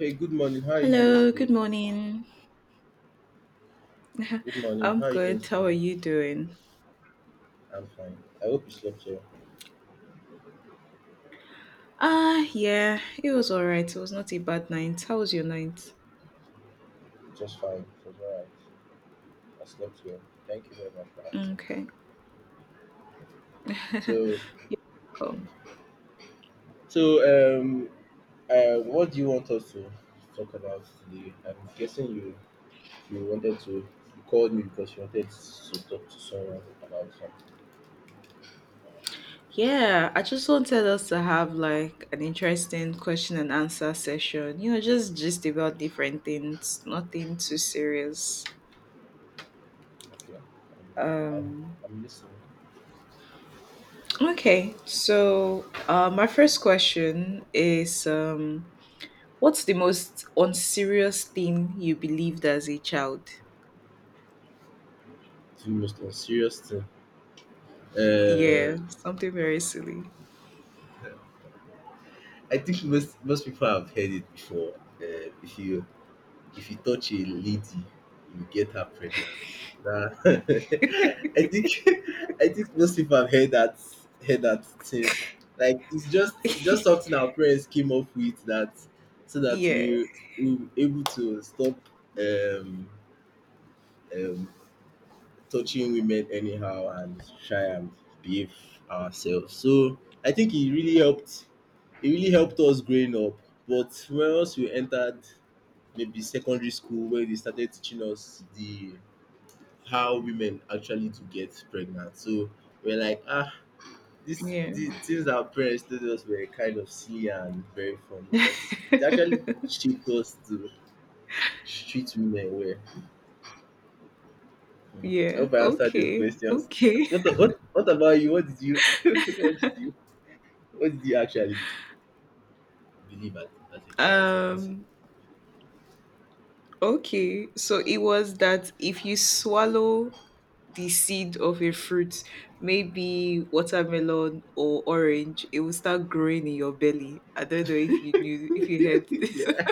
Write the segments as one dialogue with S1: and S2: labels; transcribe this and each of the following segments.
S1: Hey, good morning. How are you doing
S2: Hello, good
S1: today?
S2: morning.
S1: Good morning.
S2: I'm
S1: How are you doing
S2: good. How are
S1: today?
S2: you doing?
S1: I'm fine. I hope you slept well.
S2: Yeah, it was all right. It was not a bad night. How was your night?
S1: Just fine. It was alright. I slept well. Thank you very much for asking.
S2: Okay,
S1: So,
S2: cool.
S1: so what do you want us to talk about today? I'm guessing you wanted to you called me because you wanted to talk to someone about something.
S2: Yeah, I just wanted us to have like an interesting question and answer session. You know, just about different things, nothing too serious.
S1: Okay. I'm
S2: Um,
S1: I'm listening.
S2: okay. So, my first question is, what's the most unserious thing you believed as a child?
S1: It's the most unserious thing.
S2: Yeah,
S1: Uh,
S2: something very silly.
S1: I think most people have heard it before. Uh, if you If you touch a lady, you get her pregnant. Nah. I think I think most people have heard that thing. Like it's just something our parents came up with that so that
S2: Yeah,
S1: we were able to stop um um touching women anyhow and try and behave ourselves. So I think it really helped us growing up. But once we entered maybe secondary school where they started teaching us the how women actually to get pregnant. So we're like, ah, this
S2: yeah.
S1: the things our parents told us were kind of silly and very funny, but it actually shaped us to treat women well. Hmm. I
S2: Yeah,
S1: hope I answered your
S2: okay.
S1: questions.
S2: Okay.
S1: What about you? What did you what did you actually believe as a child? Something
S2: Um,
S1: similar.
S2: okay. So it was that if you swallow the seed of a fruit, maybe watermelon or orange, it will start growing in your belly. I don't know if you heard this.
S1: yeah,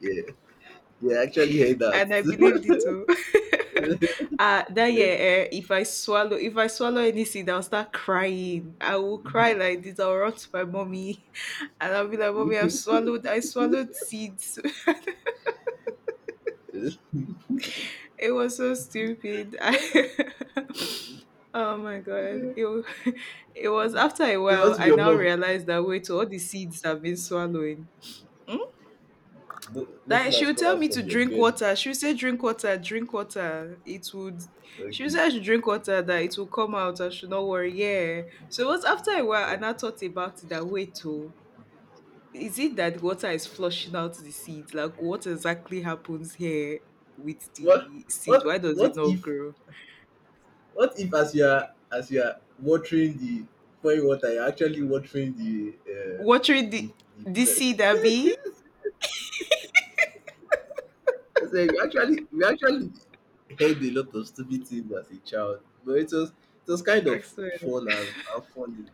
S1: yeah, yeah. I actually heard that.
S2: And I believed it too. That year, eh, if I swallow any seed, I'll start crying. I will cry like this. I'll run to my mommy, and I'll be like, "Mommy, I've swallowed. I swallowed seeds. it was so stupid." oh my god! It was after a
S1: So
S2: while
S1: what's
S2: I
S1: your
S2: now
S1: mom?
S2: realized that wait, all the seeds I've been swallowing.
S1: No, nothing
S2: Like she
S1: has
S2: would
S1: come
S2: tell
S1: out
S2: me to
S1: from your
S2: drink
S1: belly.
S2: water. She would say, "Drink water, drink water." It would. She would
S1: Okay.
S2: say I should drink water that it will come out. I should not worry. Yeah. So it was after a while,
S1: Right.
S2: and I now thought about it. That wait, oh, is it that water is flushing out the seed? Like what exactly happens here with
S1: What
S2: the seed?
S1: what
S2: Why does it
S1: what
S2: not
S1: if
S2: grow?
S1: what if as you are watering the pouring water, you're actually watering the uh,
S2: Watering the
S1: the the
S2: the seed, Abby.
S1: plant. I said we actually heard a lot of stupid things as a child, but it was kind
S2: I
S1: of
S2: swear.
S1: fun and funny.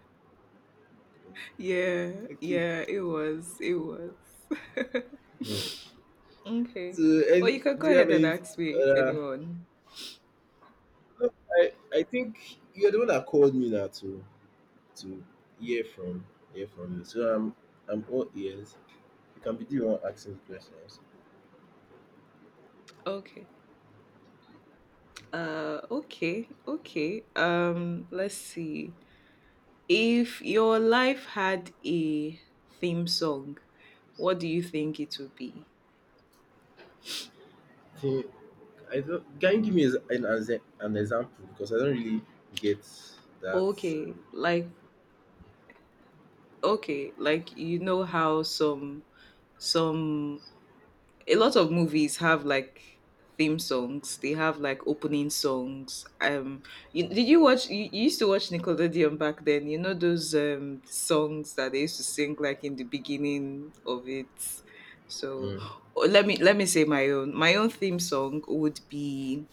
S2: Yeah,
S1: Okay.
S2: yeah. It was. It was.
S1: Hmm.
S2: Okay.
S1: So
S2: Well, you
S1: and
S2: can
S1: do
S2: go
S1: you have
S2: ahead and
S1: any
S2: ask me
S1: uh,
S2: anyone.
S1: I think you're the one that called me now too. To hear from hear from you. So I'm all ears. You can be the one asking the questions.
S2: Okay. Okay, okay. Let's see. If your life had a theme song, what do you think it would be?
S1: Think- I don't, can you give me an example because I don't really get that.
S2: Okay,
S1: Um,
S2: like okay, like you know how some a lot of movies have like theme songs. They have like opening songs. Did you watch? You used to watch Nickelodeon back then. You know those songs that they used to sing like in the beginning of it. So
S1: mm.
S2: oh, let me say my own. My own theme song would be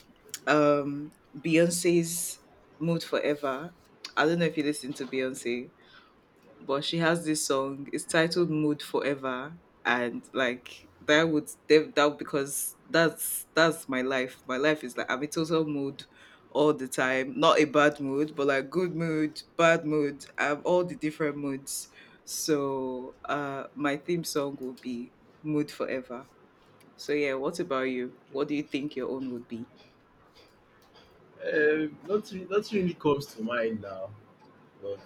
S2: um Beyonce's "Mood Forever." I don't know if you listen to Beyonce, but she has this song. It's titled "Mood Forever," and like that would that that- because that's my life. My life is like I'm in total mood all the time. Not a bad mood, but like good mood, bad mood. I'm all the different moods. So my theme song will be "Mood Forever." So yeah, what about you? What do you think your own would be?
S1: Not really comes to mind now, but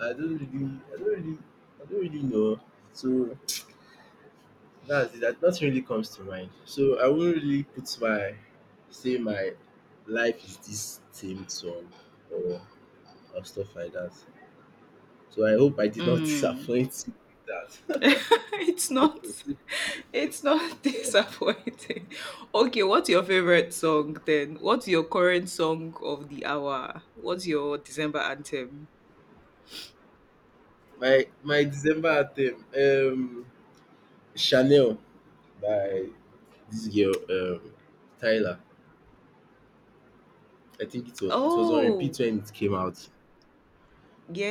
S1: I don't really, I don't really, I don't really know. So that's it. That nothing really comes to mind. So I wouldn't really put my say my life is this themed song or or stuff like that. So I hope I did not
S2: Mm.
S1: disappoint you with that.
S2: it's not disappointing. Okay, what's your favorite song then? What's your current song of the hour? What's your December anthem?
S1: My December theme Chanel by this girl Tyler. I think it was on
S2: Oh,
S1: repeat when it came out.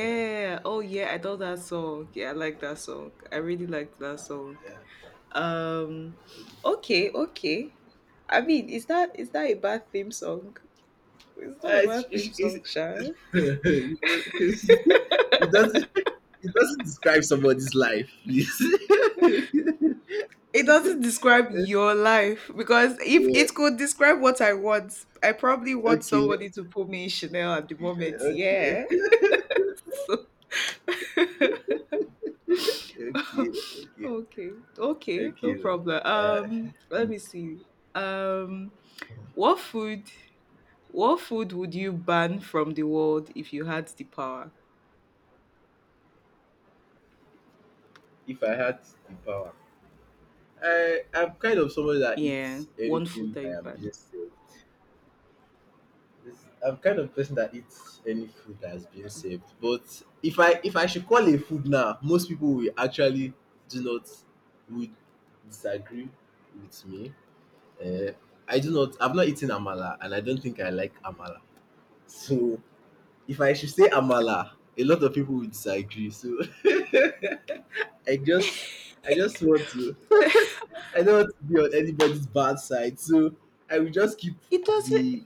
S1: Yeah,
S2: Oh, yeah. I thought that song. Yeah, I like that song. I really liked that song.
S1: yeah.
S2: Um, okay, okay. I mean, is that a bad theme song? It's not a
S1: Uh, it's,
S2: bad
S1: it's,
S2: theme
S1: it's,
S2: song, Sha.
S1: it doesn't it doesn't describe somebody's life, please. yeah.
S2: It doesn't describe your life because if it could describe what I want, I probably want
S1: Okay. Okay.
S2: somebody to put me in Chanel at the moment. Yeah. So,
S1: Okay. Okay.
S2: okay. Okay. No
S1: Okay. No.
S2: problem.
S1: Uh,
S2: Let me see. Um, what food? What food would you ban from the world if you had the power?
S1: if I had the power, I'm kind of somebody that
S2: Yeah,
S1: eats
S2: one food
S1: anything
S2: that
S1: I
S2: you
S1: am
S2: ban.
S1: being served. I'm kind of person that eats any food that has been served. But if I should call a food now, most people will actually do not would disagree with me. Uh, I do not. I've not eaten amala, and I don't think I like amala. So if I should say amala, a lot of people would disagree. So I just, I just want to. I don't want to be on anybody's bad side. So I will just keep
S2: It does. not
S1: the.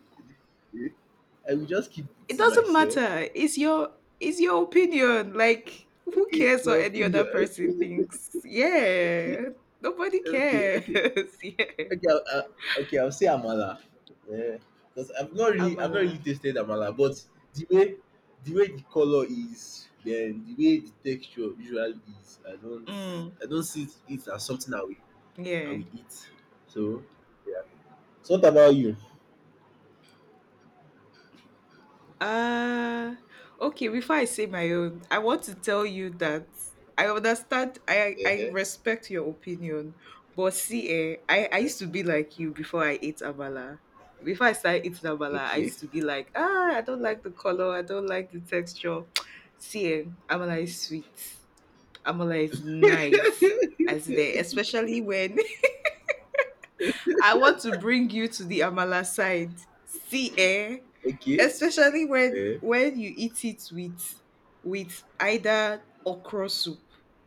S1: I will just keep it
S2: It
S1: to
S2: doesn't
S1: myself.
S2: matter. It's your opinion. Like who
S1: Okay, it's
S2: cares
S1: my
S2: what any other
S1: opinion.
S2: person thinks?
S1: Okay,
S2: Yeah. Nobody cares.
S1: okay.
S2: yeah.
S1: Okay, okay, I'll say amala. Yeah, because I've not
S2: Amala.
S1: really tasted amala, but the way, the way the color is, then the way the texture usually is,
S2: Mm,
S1: I don't see it as something I
S2: yeah.
S1: will eat. So, yeah. So what about you?
S2: Uh okay, before I say my own, I want to tell you that I understand. I
S1: Uh-huh,
S2: respect your opinion, but see eh, I used to
S1: uh-huh.
S2: be like you before I ate Abala. Before I started eating Abala, I
S1: Okay,
S2: used to be like, ah, I don't like the color, I don't like the texture. See eh, Amala is sweet. Amala is nice. As there, especially when I want to bring you to the amala side. See, eh?
S1: okay.
S2: Especially when
S1: Uh,
S2: when you eat it with either okra soup,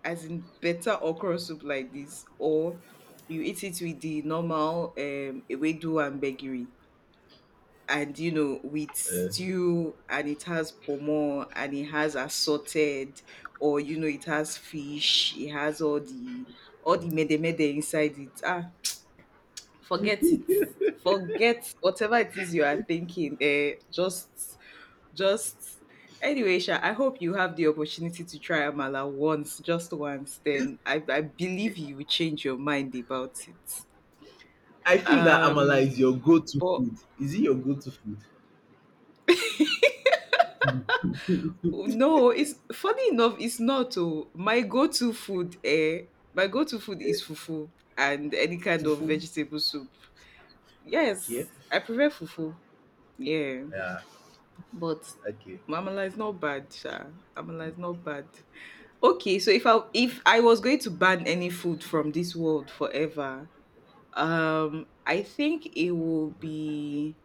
S2: as in better okra soup like this, or you eat it with the normal ewedu and begiri, and you know with
S1: uh.
S2: stew, and it has pomo, and it has assorted, or you know it has fish, it has all the mede mede inside it. Ah, forget it forget whatever it is you are thinking, eh, just anyway Sha, I hope you have the opportunity to try amala once, just once, then I believe you will change your mind about it.
S1: I feel that amala
S2: um
S1: is your go-to
S2: but
S1: food. Is it your go-to food?
S2: no, it's funny enough, it's not my go-to food, eh. My go-to food is fufu and any kind of
S1: Fufu.
S2: vegetable soup.
S1: Okay.
S2: Yes, I prefer fufu. Yeah.
S1: Yeah.
S2: But
S1: Okay.
S2: Amala is not bad, Sha. Amala is not bad. Okay, so if I was going to ban any food from this world forever, I think it will be,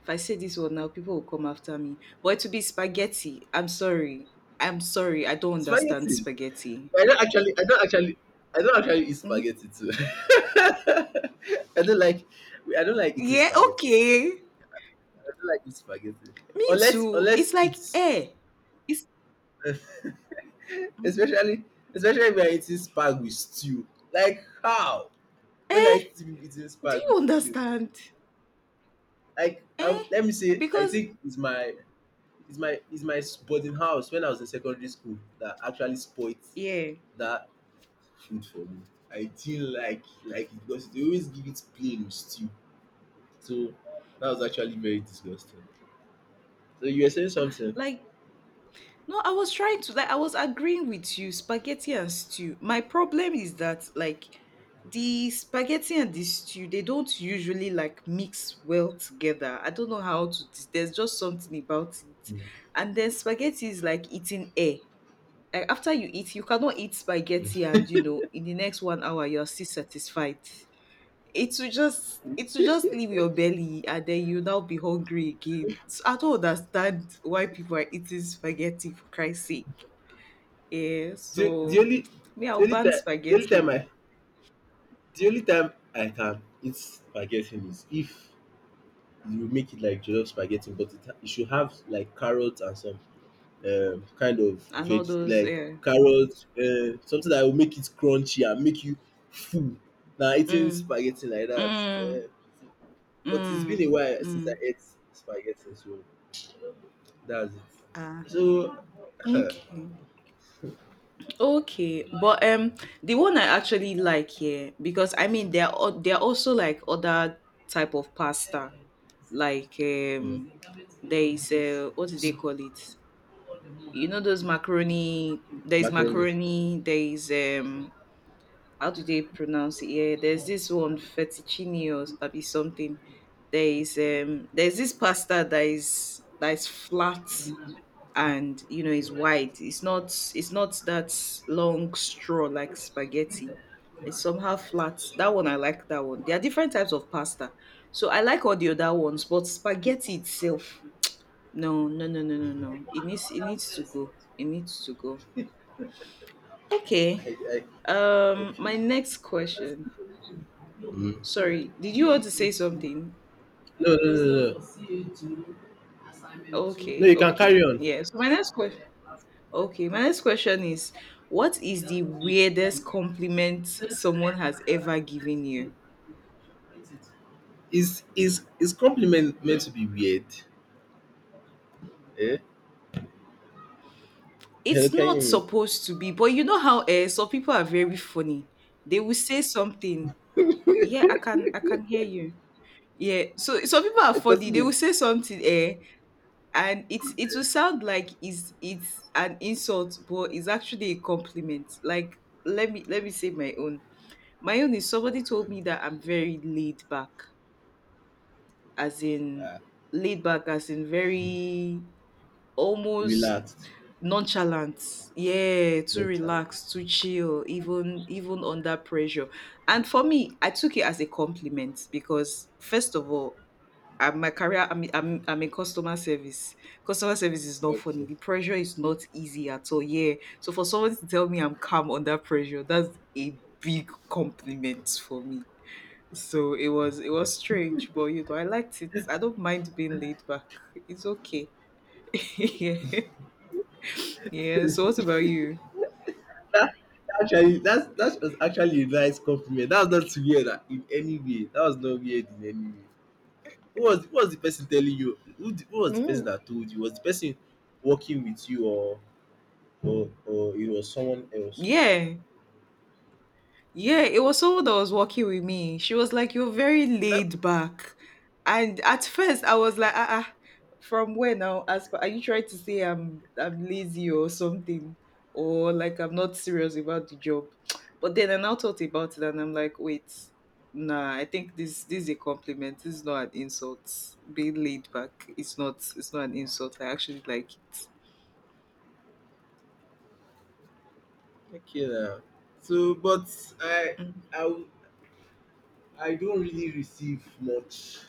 S2: if I say this word now, people will come after me. But to be spaghetti. I'm sorry. I'm sorry. I don't understand
S1: Spaghetti.
S2: spaghetti.
S1: I don't actually, I don't actually, I don't actually eat
S2: Hmm?
S1: spaghetti too. I don't like, I don't like eating
S2: Yeah,
S1: spaghetti.
S2: okay.
S1: I don't like eat spaghetti
S2: Me too. It's
S1: unless
S2: like
S1: it's
S2: eh. It's
S1: especially, especially when I'm eating spag with stew. Like how? When
S2: eh.
S1: I still be eating
S2: Do
S1: spag
S2: you
S1: with stew,
S2: understand? Eh?
S1: let me say, I
S2: Because
S1: think it's my boarding house when I was in secondary school that actually spoilt
S2: yeah.
S1: that food for me. I didn't like it because they always give it plain with stew. So that was actually very disgusting. So you were saying
S2: Ah,
S1: something.
S2: like No, I was trying to like I was agreeing with you, spaghetti and stew. My problem is that like the spaghetti and the stew, they don't usually like mix well together. I don't know how to, there's just something about it.
S1: Mm.
S2: And then spaghetti is like eating air. Like after you eat, you cannot eat spaghetti and you know, in the next 1 hour you're still satisfied. It will just leave your belly and then you now be hungry again. So I don't understand why people are eating spaghetti for Christ's sake. Yeah,
S1: The, the
S2: so
S1: only
S2: me,
S1: the
S2: I'll
S1: only
S2: ban
S1: time the only
S2: spaghetti
S1: time
S2: oh,
S1: I the only time I can eat spaghetti is if you make it like jollof spaghetti, but it should have like carrots and some kind of
S2: and all
S1: veg
S2: those.
S1: like
S2: Yeah.
S1: carrots, something that will make it crunchy and make you full. Now eating
S2: Mm,
S1: spaghetti like that,
S2: mm,
S1: uh, but it's been a
S2: mm,
S1: while since I
S2: mm.
S1: ate spaghetti, so that's it.
S2: Ah,
S1: So
S2: okay, okay. But the one I actually like here, because I mean there are also like other type of pasta, like
S1: Mm.
S2: there is, what do they
S1: S-
S2: call it? You know those macaroni. There is
S1: Macaroni.
S2: macaroni. There is how do they pronounce it? Yeah, there's this one fettuccine or abi something. There is there's this pasta that is flat and you know is wide. It's not that long straw like spaghetti. It's somehow flat. That one, I like that one. There are different types of pasta. So I like all the other ones, but spaghetti itself. No, no, no, no, no, no. It needs to go. It needs to go. Okay.
S1: Egg, egg. Okay.
S2: My next question.
S1: Mm.
S2: Sorry, did you want to say something?
S1: No, no, no, no. No, no,
S2: Okay,
S1: you can carry
S2: okay.
S1: on.
S2: Yeah. So my next question okay, my next question is, what is the weirdest compliment someone has ever given you?
S1: Is compliment meant to be weird? Eh? Hello,
S2: It's
S1: can you
S2: not
S1: hear me?
S2: supposed to be, but you know how some people are very funny. They will say something. Yeah, I can hear you. Yeah. So some people are
S1: Eh,
S2: funny. They will
S1: continue.
S2: say something, eh, and it will sound like it's an insult, but it's actually a compliment. Like let me say my own. My own is somebody told me that I'm very laid back, as in
S1: Ah,
S2: laid back, as in very almost
S1: relaxed.
S2: nonchalant. Yeah, too
S1: No challenge.
S2: relaxed, too chill, even under pressure. And for me, I took it as a compliment because first of all, I'm my career, I'm in customer service. Customer service is not funny.
S1: Okay.
S2: The pressure is not easy at all. Yeah. So for someone to tell me I'm calm under pressure, that's a big compliment for me. So it was strange, but you know, I liked it. I don't mind being laid back. It's okay. yeah. Yeah. So what about you?
S1: That actually that was actually a nice compliment. That was not weird in any way. That was not weird in any way. Who was the person telling you? Who was the person
S2: Mm.
S1: that told you? Was the person working with you or or it was someone else?
S2: Yeah. Yeah, it was someone that was working with me. She was like, "You're very
S1: That
S2: laid back." And at first I was like, from where now? As per, are you trying to say I'm lazy or something? Or like I'm not serious about the job. But then I now thought about it and I'm like, wait, nah, I think this is a compliment. This is not an insult. Being laid back is not, it's not an insult. I actually like it.
S1: okay now. So, but I I w- I don't really receive much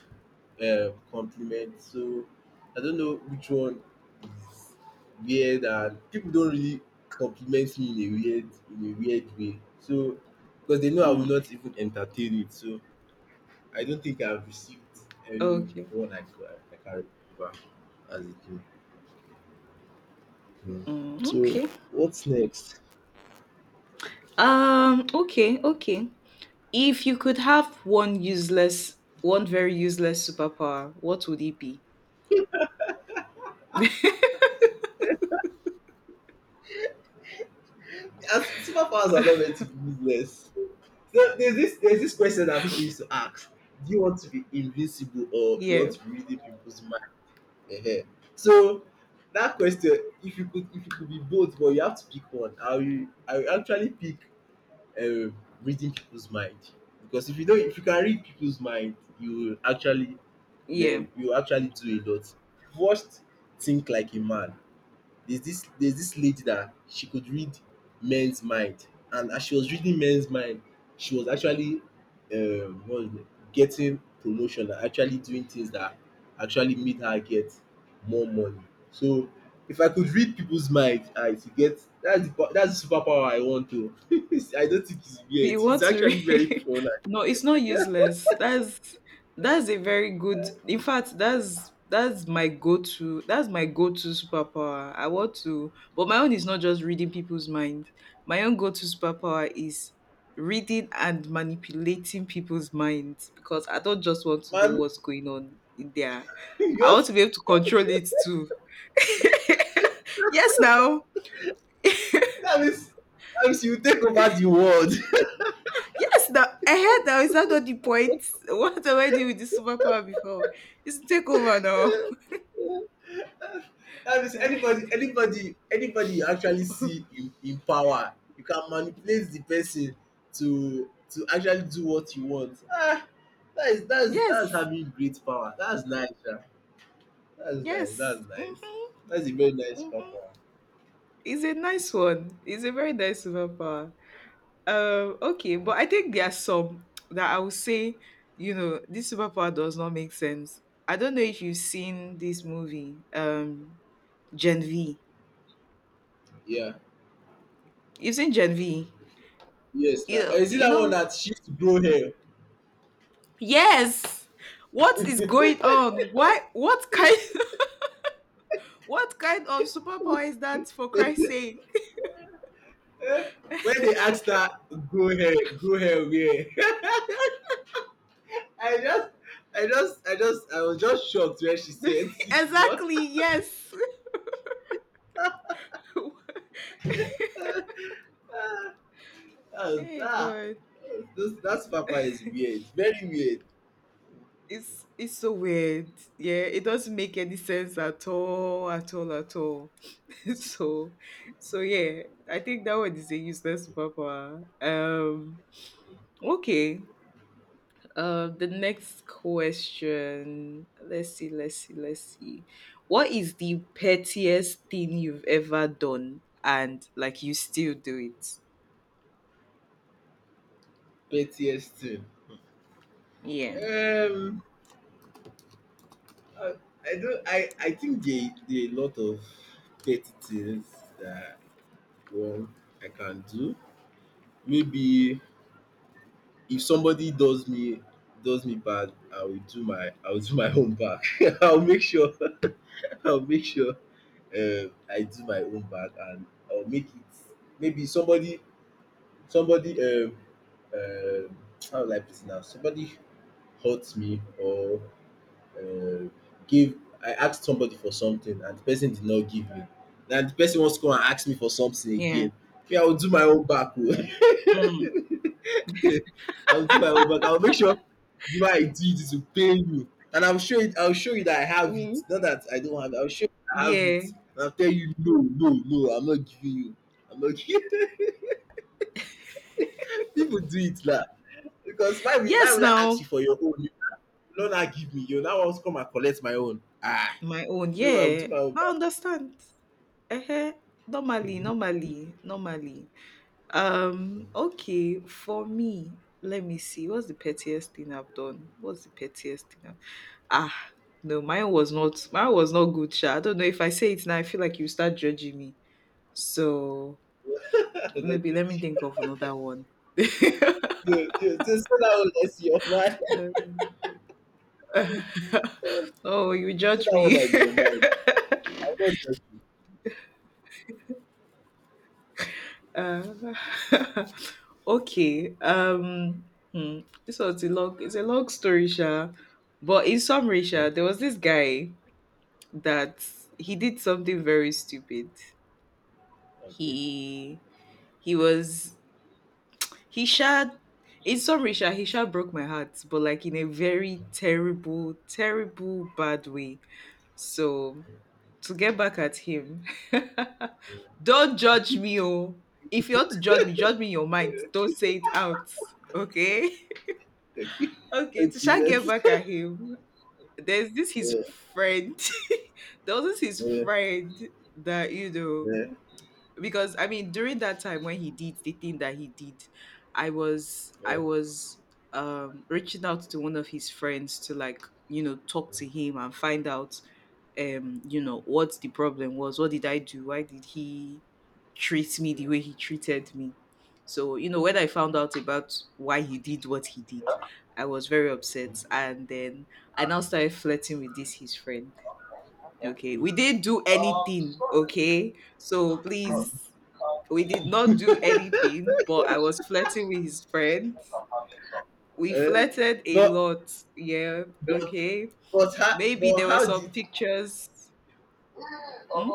S1: compliment. So I don't know which one is weird and people don't really compliment me in a weird way. So because they know I will
S2: Mm.
S1: not even entertain it. So I don't think I've received any
S2: Okay.
S1: one I can remember as a kid. Hmm.
S2: Mm,
S1: So
S2: okay.
S1: what's next?
S2: Okay, okay. If you could have one useless, one very useless superpower, what would it be?
S1: As superpowers are not meant to be useless. So there's this question that people used to ask: Do you want to be invincible or you
S2: Yeah,
S1: want to be reading people's mind? Ehen. So that question, if you could be both, but you have to pick one. I will actually pick Uh, reading people's mind because if you can read people's mind you will actually
S2: yeah.
S1: learn you will actually do a lot. First think like a man, there's this lady that she could read men's mind, and as she was reading men's mind she was actually what is it getting promotion and actually doing things that actually made her get more money. So if I could read people's mind, I to get that's that's the superpower I want to. I don't think it's weird,
S2: You
S1: it's
S2: want to
S1: actually very
S2: read?
S1: fun
S2: No, it's not useless. That's a very good, in fact that's my go-to that's my go-to superpower I want to. But my own is not just reading people's mind. My own go-to superpower is reading and manipulating people's minds, because I don't just want to know
S1: and man.
S2: what's going on in there.
S1: You
S2: I want
S1: just,
S2: to be able to control it too. Yes, now.
S1: that means you take over the world.
S2: Yes, now I heard that. Is that not the point? What am I doing with this superpower before? It's take over now.
S1: That is,
S2: Eh?
S1: anybody anybody you actually see in power you can manipulate the person to actually do what you want. Ah, that is that is
S2: Yes,
S1: having great power. That's nice, sha. That's nice,
S2: yes.
S1: that's nice.
S2: Mm-hmm,
S1: That's a very nice
S2: mm-hmm.
S1: power.
S2: It's a nice one. It's a very nice superpower. Okay, but I think there are some that I would say, you know, this superpower does not make sense. I don't know if you've seen this movie, Gen V.
S1: Yeah,
S2: You've seen Gen V.
S1: yes.
S2: You
S1: Now
S2: know,
S1: is it
S2: you
S1: that one
S2: know.
S1: that she used to grow hair?
S2: Yes. What is going on? Why? What kind? What kind of superpower is that for Christ's sake?
S1: Eh, when they asked her, grow hair, grow hair where? I just I was just shocked when she said it's not.
S2: Exactly, yes.
S1: That's
S2: Hey
S1: that.
S2: God.
S1: Those that papa is weird, very weird.
S2: It's so weird. Yeah, it doesn't make any sense at all, at all, at all. so so yeah, I think that one is a useless superpower. Okay. The next question. Let's see. What is the pettiest thing you've ever done and like you still do it?
S1: Pettiest thing.
S2: Yeah.
S1: Um, I, I don't. I think there there are a lot of petty things that one I can do. Maybe if somebody does me bad, I will do my own back. I'll make sure I'll make sure I do my own back and I'll make it. Maybe somebody Somebody uh, how will I put it now? Somebody hurt me or uh, give I asked somebody for something and the person did not give me. Na the person wants to come and ask me for something
S2: Yeah.
S1: again. Me, I will do my own back oh.
S2: Mm.
S1: I will do my own back. I will make sure the way I do it is to pay you, and I will show you that I have it,
S2: Hmm.
S1: not that I don't have it. I will show you that I have
S2: Yeah.
S1: it and I will tell you, no, no, no, I'm not giving you. I'm not giving. People do it now. Because why
S2: Yes,
S1: will I ask you
S2: now
S1: for your own, you will not give me. You now want to come and collect my own. Ah,
S2: my own.
S1: no, I will
S2: Yeah,
S1: do my own
S2: I
S1: back.
S2: understand. uh Normally, normally. Okay. For me, let me see. What's the pettiest thing I've done? What's the pettiest thing? I've... Ah, no, mine was not. Mine was not good. Sha. I don't know if I say it now. I feel like you start judging me. So
S1: I'm not
S2: maybe let me
S1: joking.
S2: think of another one.
S1: No, no, just say that one that's your mind.
S2: Um,
S1: Say
S2: oh, you judge
S1: that one
S2: me.
S1: that's your mind. I'm not joking.
S2: Uh, okay. Hmm, This was a long. It's a long story, Sha. But in summary,
S1: Okay,
S2: Sha, there was this guy that he did something very stupid.
S1: okay,
S2: He he was he Sha. In summary, Sha, he Sha broke my heart, but like in a very terrible, terrible, bad way. So to get back at him. Don't judge me, oh. If you want to judge me in your mind. Don't say it out. Okay?
S1: okay,
S2: Okay, to
S1: okay.
S2: shall get
S1: Let's.
S2: back at him. There's this his
S1: Yeah,
S2: friend. There was this his
S1: yeah,
S2: friend that, you know,
S1: yeah,
S2: because during that time when he did the thing that he did, I was I
S1: yeah.
S2: was reaching out to one of his friends to you know, talk to him and find out you know what the problem was, what did I do, why did he treat me the way he treated me? So you know, when I found out about why he did what he did, I was very upset, and then I now started flirting with this his friend. Okay, we didn't do anything, okay, so please, we did not do anything, but I was flirting with his friend. We
S1: Eh?
S2: flirted a
S1: but
S2: lot. Yeah.
S1: but
S2: Okay.
S1: but how
S2: Maybe
S1: but
S2: there were
S1: how
S2: some
S1: did
S2: pictures. Hmm.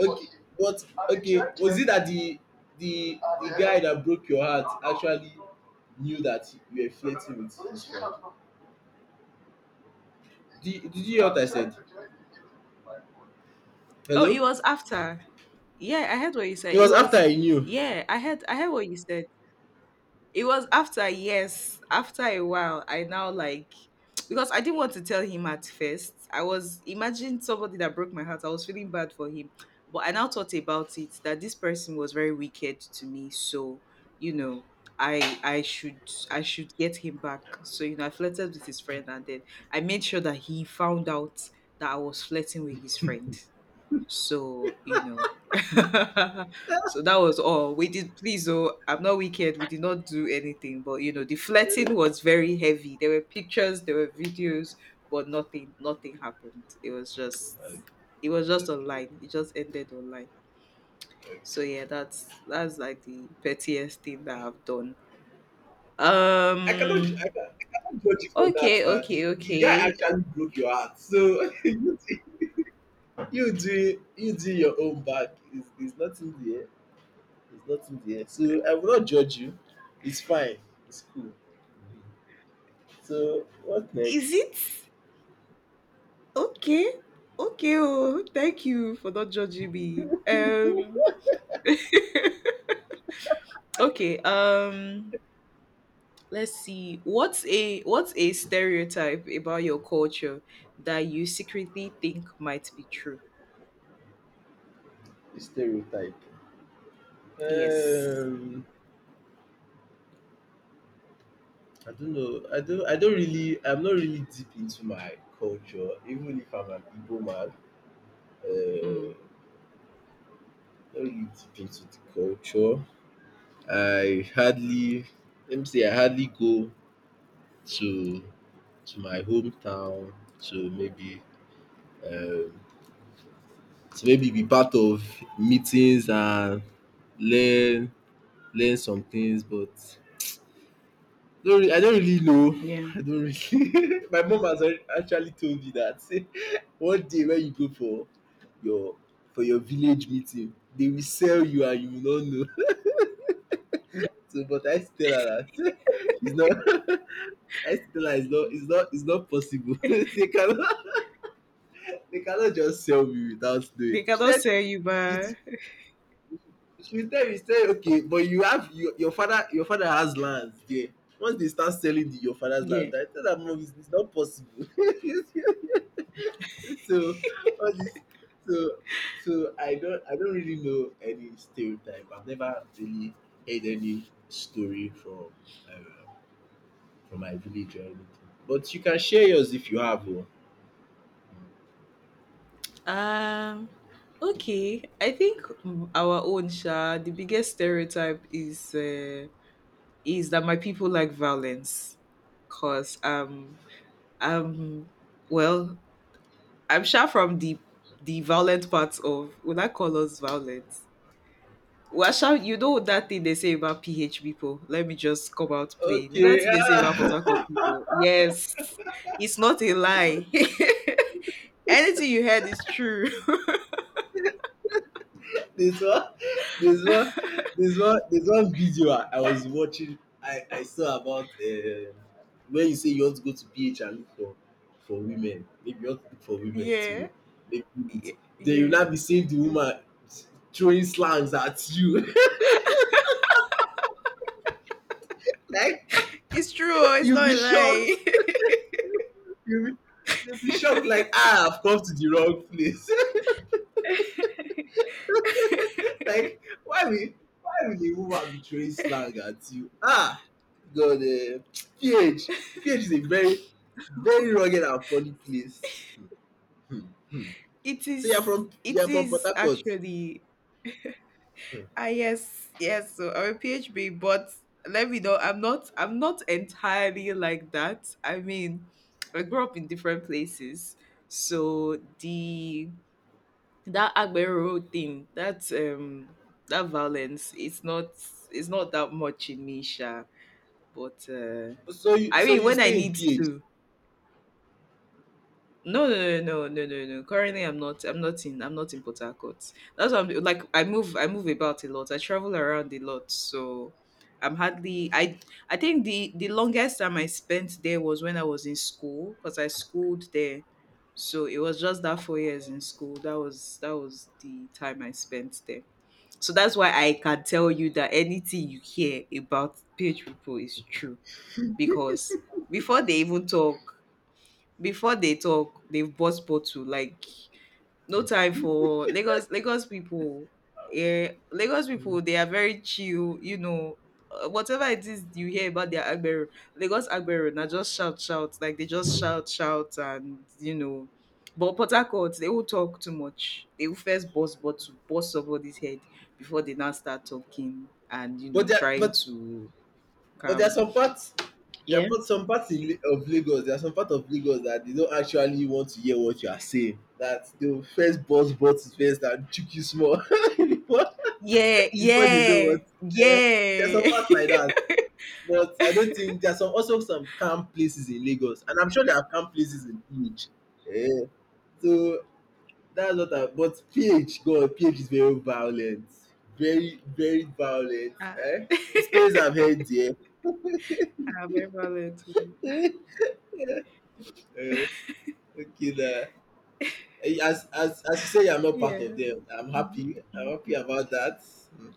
S1: Okay, but okay, was it that the guy that broke your heart actually knew that you were flirting with his friend? Did you hear what I said?
S2: Oh, it
S1: Hello?
S2: was after. Yeah, I heard what you said.
S1: It
S2: It
S1: was after
S2: was
S1: I knew.
S2: yeah, I heard what you said. It was after, yes. After a while, I now like because I didn't want to tell him at first. I was imagine somebody that broke my heart. I was feeling bad for him. But I now thought about it that this person was very wicked to me. So, you know, I I should I should get him back. So, you know, I flirted with his friend and then I made sure that he found out that I was flirting with his friend. So, you know, so that was all. We did, please, oh, I'm not wicked. We did not do anything, but you know, the flirting was very heavy. There were pictures, there were videos, but nothing, nothing happened. It was just online. It just ended online. So yeah, that's like the pettiest thing that I've done.
S1: I cannot,
S2: Um.
S1: I cannot judge you for that.
S2: Okay. Okay.
S1: The guy
S2: Okay.
S1: actually broke your heart. So you do your own back. It's nothing there. It's nothing there. So I will not judge you. It's fine. It's cool. So what next?
S2: Is it okay? Okay. Oh, thank you for not judging me. Okay Let's see, what's a stereotype about your culture that you secretly think might be true?
S1: Stereotype.
S2: Yes.
S1: Um, I don't know. I don't really. I'm not really deep into my culture, even if I'm an Igbo man. Uh,
S2: Mm,
S1: not really deep into the culture. I hardly. Let me say I hardly go to to my hometown to maybe um, to maybe be part of meetings and learn learn some things, but Don't re I don't really know.
S2: yeah.
S1: I don't really my mom has already actually told me that one day when you go your for your village meeting, they will sell you and you will not know.
S2: Yeah.
S1: So but I still tell her that it's not I still tell her it's not possible. They cannot just sell me without
S2: They
S1: knowing. She
S2: cannot
S1: said
S2: tell you,
S1: it
S2: but
S1: she will tell me say okay but you have your your father has lands there. Once they start selling the your father's land,
S2: yeah.
S1: I tell her mum it's not possible. so all this so so I don't really know any stereotype. I've never really heard any story uh, from my village or anything, but you can share yours if you have one.
S2: um okay, I think our own sha, the biggest stereotype is that my people like violence, because um well, I'm sure from the violent parts of, would I call us violent? Well, sure, you know that thing they say about PH people. Let me just come out plain. You know that
S1: Okay.
S2: thing they say about Port Harcourt people. Yes, it's not a lie. Anything you heard is true.
S1: There's one, there's one, there's one video I was watching. I saw about when you say you want to go to PH and look for women. Maybe you want to look for women
S2: Yeah.
S1: too. Maybe it's- then you'll
S2: Yeah,
S1: not be seeing the woman throwing slangs at you. like
S2: it's true. Or it's
S1: you'll
S2: not a
S1: be shocked.
S2: lie.
S1: You'll be, you'll be shocked. Like ah, I've come to the wrong place. like why will a woman be throwing slang at you? Ah, god. Ph PH is a very very rugged and funny place.
S2: It
S1: So you
S2: is.
S1: are from
S2: It
S1: Port
S2: is
S1: Harcourt?
S2: actually. Ah yes, yes. So I'm a PHB, but let me know. I'm not. I'm not entirely like that. I mean, I grew up in different places, so the that Agbero thing, that that violence, it's not. It's not that much in me, Sha. But
S1: So you
S2: I mean, when I
S1: stay in
S2: need
S1: PH?
S2: to. No, no, no, no, no, no, no. Currently, I'm not. I'm not in. I'm not in Port Harcourt. That's what I'm like. I move. I move about a lot. I travel around a lot. So, I'm hardly. I. I think the longest time I spent there was when I was in school, because I schooled there. So it was just that 4 years in school. That was the time I spent there. So that's why I can tell you that anything you hear about PH people is true, because before they even talk, before they talk, they've bought bottle. Like no time for Lagos, Lagos people. Yeah, Lagos people, they are very chill, you know. Whatever it is you hear about their Agbero, Lagos Agbero now just shout shout, like they just shout shout, and you know. But Port Harcourt, they will talk too much, they will first bust bottle, bust somebody's head before they now start talking and you know
S1: But there
S2: trying
S1: but
S2: to
S1: but there are
S2: calm.
S1: some parts there are
S2: Yeah.
S1: part some parts in of lagos, there are some parts of Lagos that they don't actually want to hear what you are saying, that they will first burst bottle first and chook you small. before
S2: Yeah
S1: Before they know
S2: yeah
S1: what, there are some
S2: yeah.
S1: parts like that. But I don't think there's some, also some calm places in Lagos, and I'm sure there are calm places in PH. Eh, so that's what I, but PH, God, PH is very violent. Very, very violent.
S2: Ah.
S1: Eh? The stories I've heard there.
S2: I'm ambivalent too.
S1: Eh, okay na. Eh, as you say I'm not part of
S2: Yeah.
S1: them, I'm
S2: Mhm,
S1: happy.
S2: mm.
S1: I'm happy about that. Mm.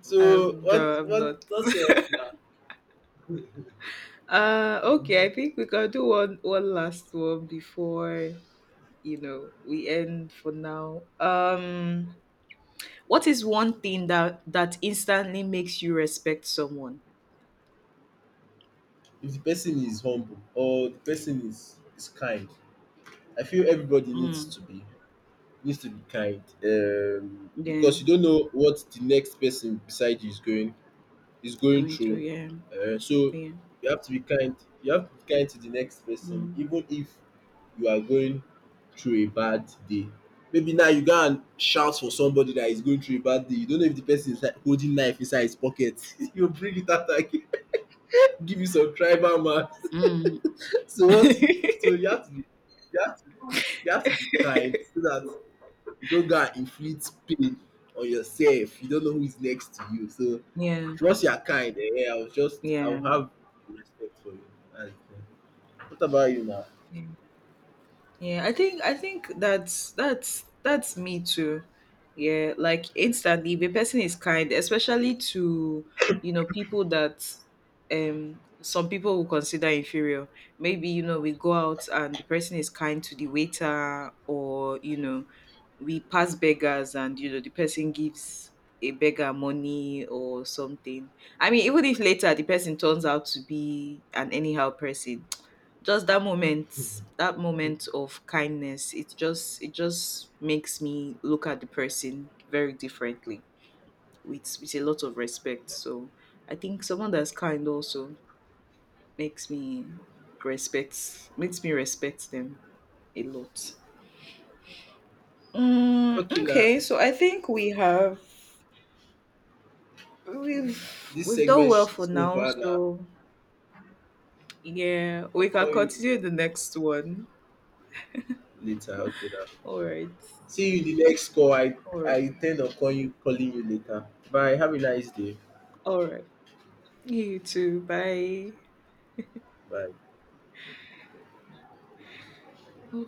S1: So
S2: No, I'm not.
S1: what else now?
S2: Okay, I think we can do one last one before you know we end for now. What is one thing that instantly makes you respect someone?
S1: If the person is humble or the person is kind, I feel everybody needs
S2: Mm,
S1: to be. Needs to be kind,
S2: yeah,
S1: because you don't know what the next person beside you is going
S2: going through.
S1: through.
S2: Yeah,
S1: So
S2: yeah.
S1: you have to be kind. You have to be kind to the next person,
S2: Mm,
S1: even if you are going through a bad day. Maybe now you go and shout for somebody that is going through a bad day. You don't know if the person is like holding knife inside his pocket. He'll bring it out and give you some tribal man.
S2: mm.
S1: So what? So you have to be, you have to, you have to be kind so that don't go and inflict pain on yourself. You don't know who is next to you. So
S2: Yeah,
S1: once you are kind, eh, I'll
S2: yeah,
S1: have respect for you. And, eh, what about you now?
S2: yeah. Yeah, I think that's me too. Yeah, like instantly if a person is kind, especially to you know people that some people will consider inferior. Maybe you know we go out and the person is kind to the waiter, or you know we pass beggars and you know the person gives a beggar money or something. I mean, even if later the person turns out to be an anyhow person, just that moment, that moment of kindness, it just makes me look at the person very differently, with a lot of respect. So I think someone that's kind also makes me respect, makes me respect them a lot.
S1: Okay now,
S2: Okay, so I think we have
S1: this
S2: we've done
S1: segment
S2: well for
S1: is
S2: now.
S1: over now.
S2: So yeah,
S1: I'll
S2: we can
S1: call you
S2: continue the next one.
S1: later. Okay now.
S2: All right.
S1: See you in the next call.
S2: All
S1: I
S2: right.
S1: intend on calling you later. Bye. Have a nice day.
S2: All right. You too, bye.
S1: Bye.
S2: Okay.